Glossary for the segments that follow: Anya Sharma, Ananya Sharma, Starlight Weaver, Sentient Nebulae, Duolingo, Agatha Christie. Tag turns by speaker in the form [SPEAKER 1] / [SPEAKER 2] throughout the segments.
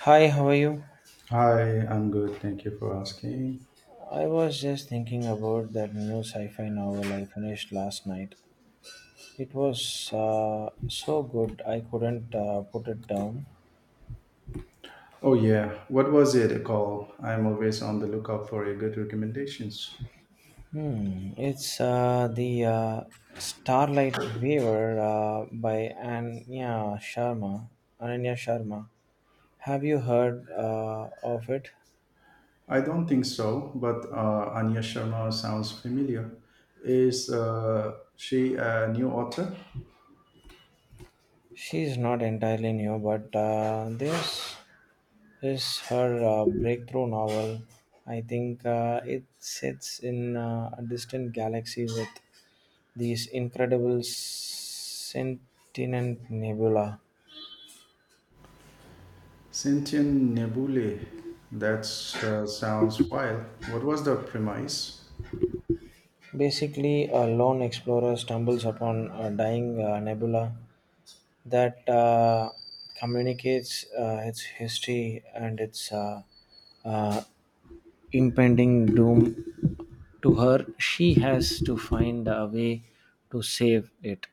[SPEAKER 1] Hi, how are you?
[SPEAKER 2] Hi, I'm good. Thank you for asking.
[SPEAKER 1] I was just thinking about that new sci-fi novel I finished last night. It was so good I couldn't put it down.
[SPEAKER 2] Oh yeah, what was it called? I'm always on the lookout for a good recommendations.
[SPEAKER 1] Hmm, it's the Starlight Weaver by Anya Sharma. Ananya Sharma. Have you heard of it?
[SPEAKER 2] I don't think so, but Anya Sharma sounds familiar. Is she a new author?
[SPEAKER 1] She's not entirely new, but there's is her breakthrough novel. I think it sits in a distant galaxy with these incredible sentient nebula.
[SPEAKER 2] Sentient Nebulae. That sounds wild. What was the premise?
[SPEAKER 1] Basically, a lone explorer stumbles upon a dying nebula that communicates its history and its uh, impending doom to her. She has to find a way to save it.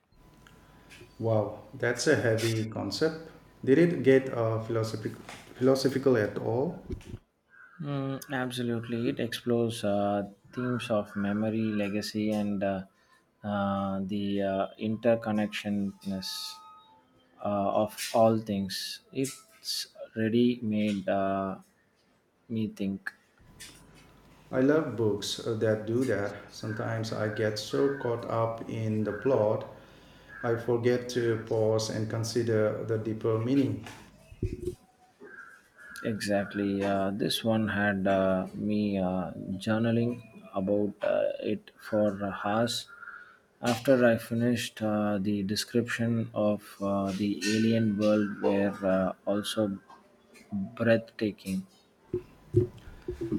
[SPEAKER 2] Wow, that's a heavy concept. Did it get philosophical at all?
[SPEAKER 1] Mm, absolutely, it explores themes of memory, legacy, and the interconnectedness of all things. It's really made me think.
[SPEAKER 2] I love books that do that. Sometimes I get so caught up in the plot, I forget to pause and consider the deeper meaning.
[SPEAKER 1] Exactly, this one had me journaling about it for hours. After I finished the description of the alien world, were also breathtaking.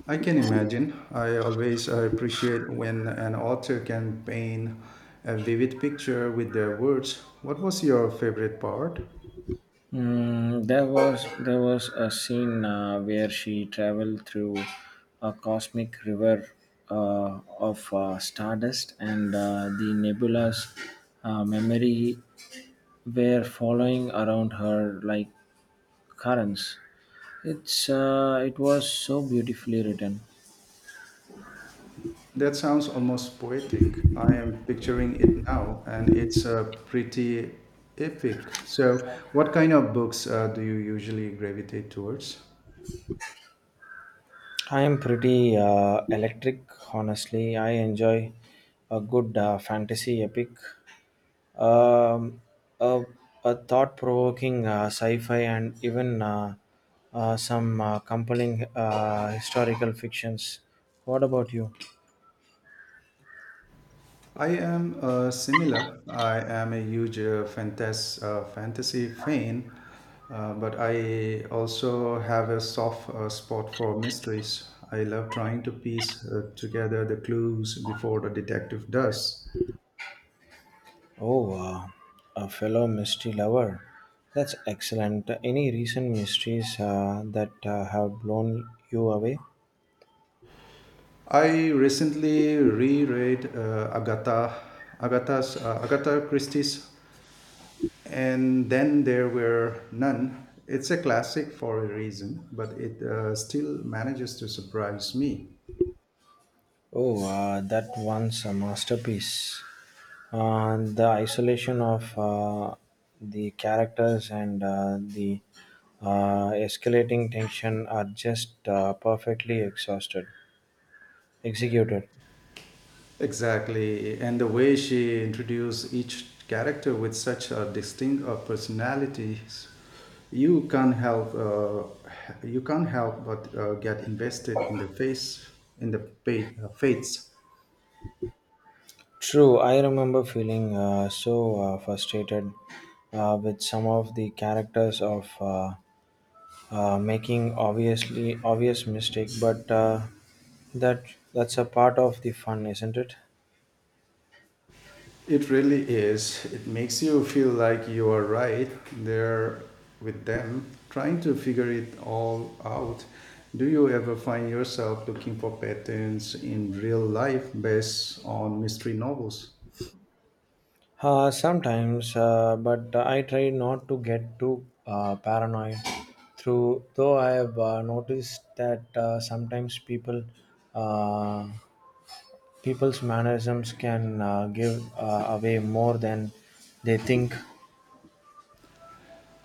[SPEAKER 2] I can imagine. I always appreciate when an author can paint a vivid picture with their words. What was your favorite part?
[SPEAKER 1] Mm, there was a scene where she traveled through a cosmic river of stardust and the nebula's memory were following around her like currents. It was so beautifully written.
[SPEAKER 2] That sounds almost poetic. I am picturing it now, and it's pretty epic. So, what kind of books do you usually gravitate towards?
[SPEAKER 1] I am pretty electric, honestly. I enjoy a good fantasy epic, um, a, a thought provoking sci fi, and even some compelling historical fictions. What about you?
[SPEAKER 2] I am similar. I am a huge fantasy fan, but I also have a soft spot for mysteries. I love trying to piece together the clues before the detective does.
[SPEAKER 1] Oh, a fellow mystery lover. That's excellent. Any recent mysteries that have blown you away?
[SPEAKER 2] I recently reread Agatha Christie's, and then there were none. It's a classic for a reason, but it still manages to surprise me.
[SPEAKER 1] Oh, that one's a masterpiece. The isolation of the characters and the escalating tension are just perfectly exhausted, executed.
[SPEAKER 2] Exactly. And the way she introduced each character with such a distinct personalities, you can't help uh, you can't help but get invested in the face in the pa- fates.
[SPEAKER 1] True, I remember feeling so frustrated with some of the characters of making obviously obvious mistake, but that that's a part of the fun, isn't it?
[SPEAKER 2] It really is. It makes you feel like you are right there with them, trying to figure it all out. Do you ever find yourself looking for patterns in real life based on mystery novels?
[SPEAKER 1] Sometimes, but I try not to get too paranoid. Through though, I have noticed that sometimes people, uh, people's mannerisms can give away more than they think.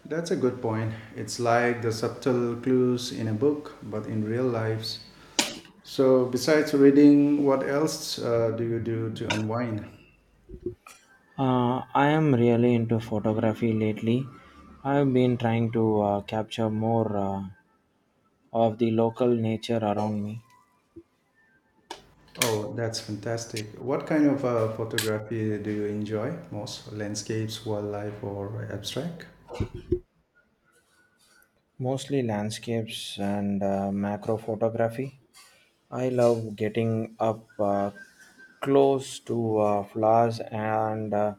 [SPEAKER 2] That's a good point. It's like the subtle clues in a book, but in real lives. So, besides reading, what else do you do to unwind?
[SPEAKER 1] I am really into photography lately. I have been trying to capture more of the local nature around me.
[SPEAKER 2] Oh, that's fantastic. What kind of photography do you enjoy most? Landscapes, wildlife, or abstract?
[SPEAKER 1] Mostly landscapes and macro photography. I love getting up close to flowers and uh,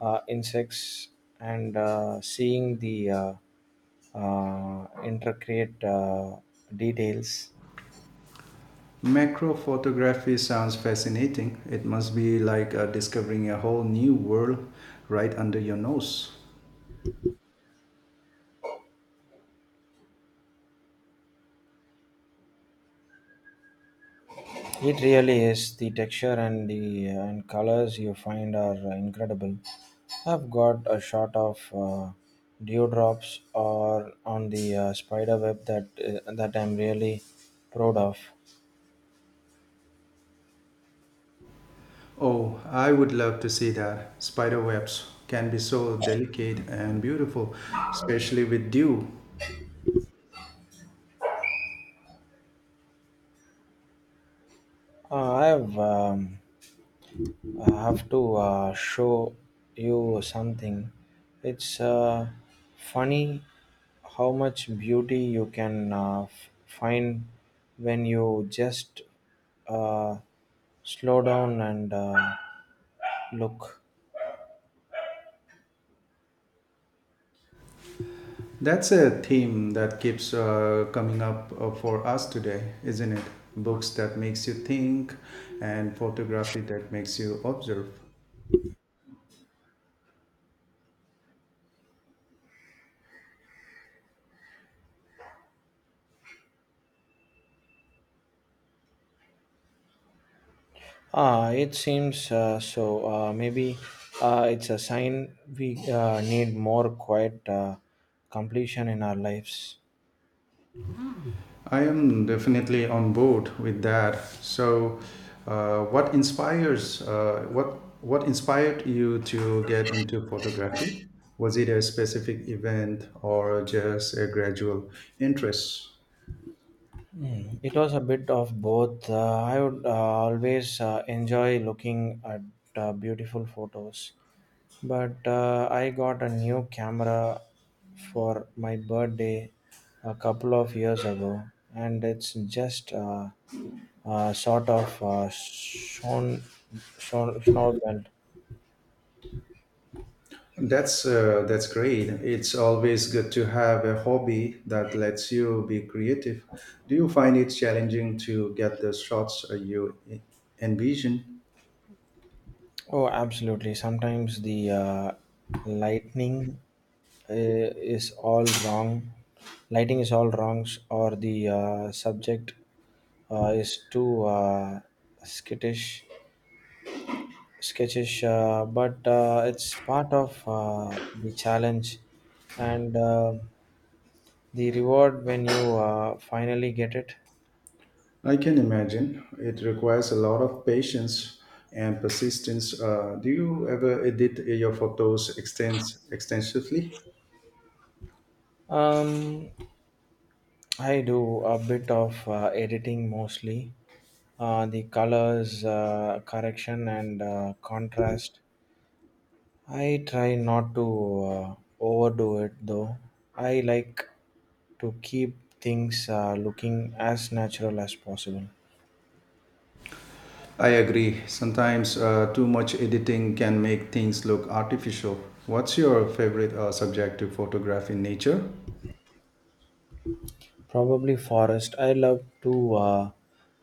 [SPEAKER 1] uh, insects and seeing the intricate details.
[SPEAKER 2] Macro photography sounds fascinating. It must be like discovering a whole new world right under your nose.
[SPEAKER 1] It really is. The texture and the and colors you find are incredible. I've got a shot of dewdrops or on the spider web that I'm really proud of.
[SPEAKER 2] Oh, I would love to see that. Spider webs can be so delicate and beautiful, especially with dew.
[SPEAKER 1] Uh, I've um, I have to show you something. It's funny how much beauty you can find when you just uh, slow down and look.
[SPEAKER 2] That's a theme that keeps coming up for us today, isn't it? Books that makes you think and photography that makes you observe.
[SPEAKER 1] Ah, it seems so. Maybe it's a sign we need more quiet completion in our lives.
[SPEAKER 2] I am definitely on board with that. So, what inspires what inspired you to get into photography? Was it a specific event or just a gradual interest?
[SPEAKER 1] It was a bit of both. I would always enjoy looking at beautiful photos, but I got a new camera for my birthday a couple of years ago, and it's just sort of shown snowballed.
[SPEAKER 2] That's great. It's always good to have a hobby that lets you be creative. Do you find it challenging to get the shots envision?
[SPEAKER 1] Oh, absolutely. Sometimes the lightning is all wrong. Lighting is all wrong, or the subject is too skittish, sketchish. But it's part of the challenge and the reward when you finally get it.
[SPEAKER 2] I can imagine. It requires a lot of patience and persistence. Do you ever edit your photos extensively?
[SPEAKER 1] Um, I do a bit of editing mostly. The colors, correction, and contrast. I try not to uh, overdo it though. I like to keep things looking as natural as possible.
[SPEAKER 2] I agree. Sometimes too much editing can make things look artificial. What's your favorite subject to photograph in nature?
[SPEAKER 1] Probably forest. I love to.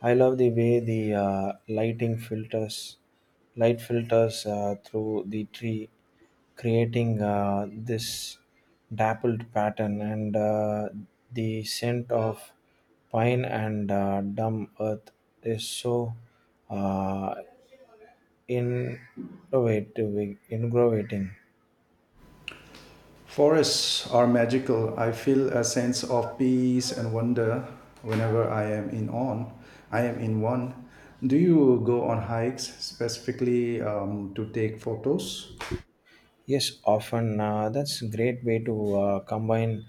[SPEAKER 1] I love the way the light filters through the tree, creating this dappled pattern, and the scent of pine and dumb earth is so uh, ingravating.
[SPEAKER 2] Forests are magical. I feel a sense of peace and wonder whenever I am in on. I am in one. Do you go on hikes specifically to take photos?
[SPEAKER 1] Yes, often that's a great way to combine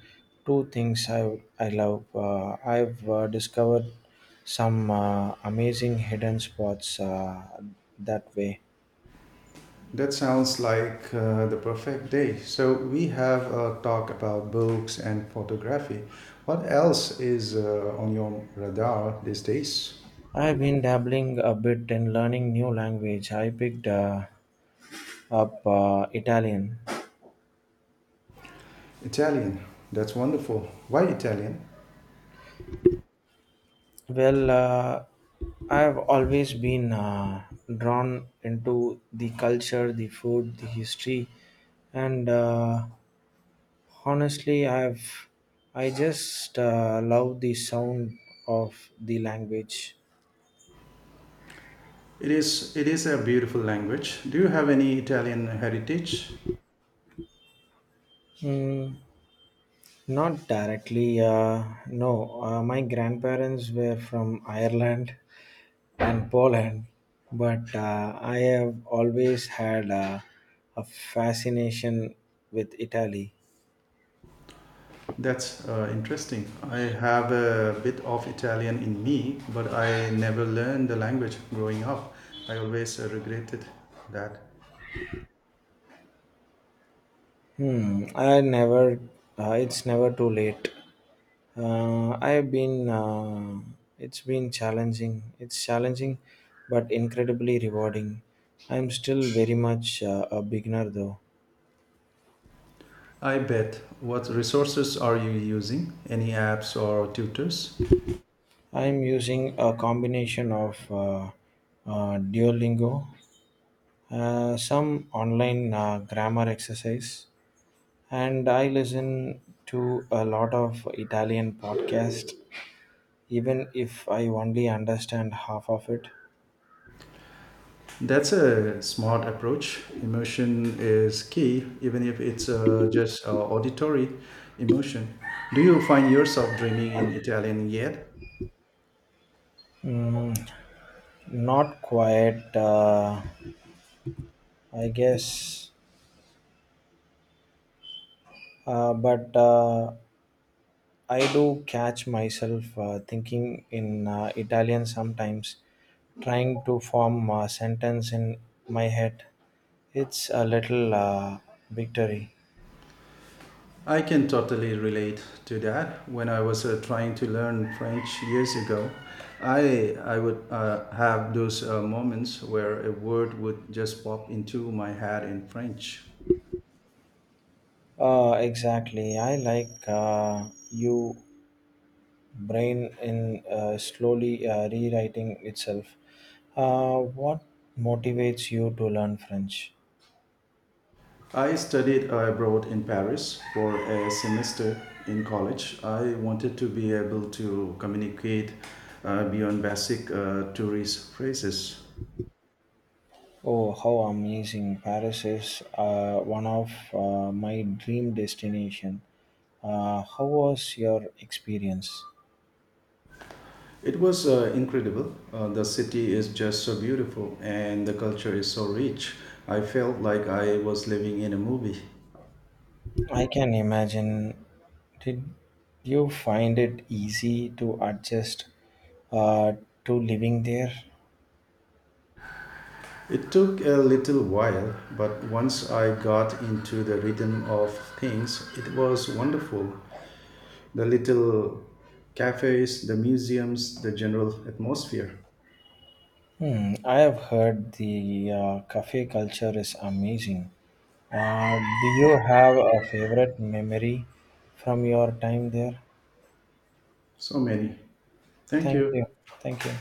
[SPEAKER 1] two things I love. I've discovered some amazing hidden spots that way.
[SPEAKER 2] That sounds like the perfect day. So we have a talk about books and photography. What else is on your radar these days?
[SPEAKER 1] I've been dabbling a bit in learning new language. I picked up Italian.
[SPEAKER 2] Italian. That's wonderful. Why Italian?
[SPEAKER 1] Well, I've always been drawn into the culture, the food, the history, and honestly, I just love the sound of the language.
[SPEAKER 2] It is a beautiful language. Do you have any Italian heritage?
[SPEAKER 1] Mm, not directly, no. My grandparents were from Ireland and Poland, but I have always had a fascination with Italy.
[SPEAKER 2] That's interesting. I have a bit of Italian in me, but I never learned the language growing up. I always regretted that.
[SPEAKER 1] Hmm. I never. It's never too late. I've been. It's been challenging. It's challenging, but incredibly rewarding. I'm still very much a beginner, though.
[SPEAKER 2] I bet. What resources are you using? Any apps or tutors?
[SPEAKER 1] I'm using a combination of Duolingo, some online grammar exercise, and I listen to a lot of Italian podcast, even if I only understand half of it.
[SPEAKER 2] That's a smart approach. Emotion is key, even if it's just auditory emotion. Do you find yourself dreaming in Italian yet?
[SPEAKER 1] Mm, not quite, I guess. But I do catch myself thinking in Italian sometimes, trying to form a sentence in my head. It's a little victory.
[SPEAKER 2] I can totally relate to that. When I was trying to learn French years ago, I would have those moments where a word would just pop into my head in French.
[SPEAKER 1] Exactly. I like you brain in slowly rewriting itself. What motivates you to learn French?
[SPEAKER 2] I studied abroad in Paris for a semester in college. I wanted to be able to communicate beyond basic tourist phrases.
[SPEAKER 1] Oh, how amazing! Paris is one of my dream destination. How was your experience?
[SPEAKER 2] It was incredible. The city is just so beautiful and the culture is so rich. I felt like I was living in a movie.
[SPEAKER 1] I can imagine. Did you find it easy to adjust uh, to living there?
[SPEAKER 2] It took a little while, but once I got into the rhythm of things, it was wonderful. The little cafes, the museums, the general atmosphere.
[SPEAKER 1] Hmm, I have heard the cafe culture is amazing. Do you have a favorite memory from your time there?
[SPEAKER 2] So many. Thank
[SPEAKER 1] Thank you.
[SPEAKER 2] you.
[SPEAKER 1] Thank you.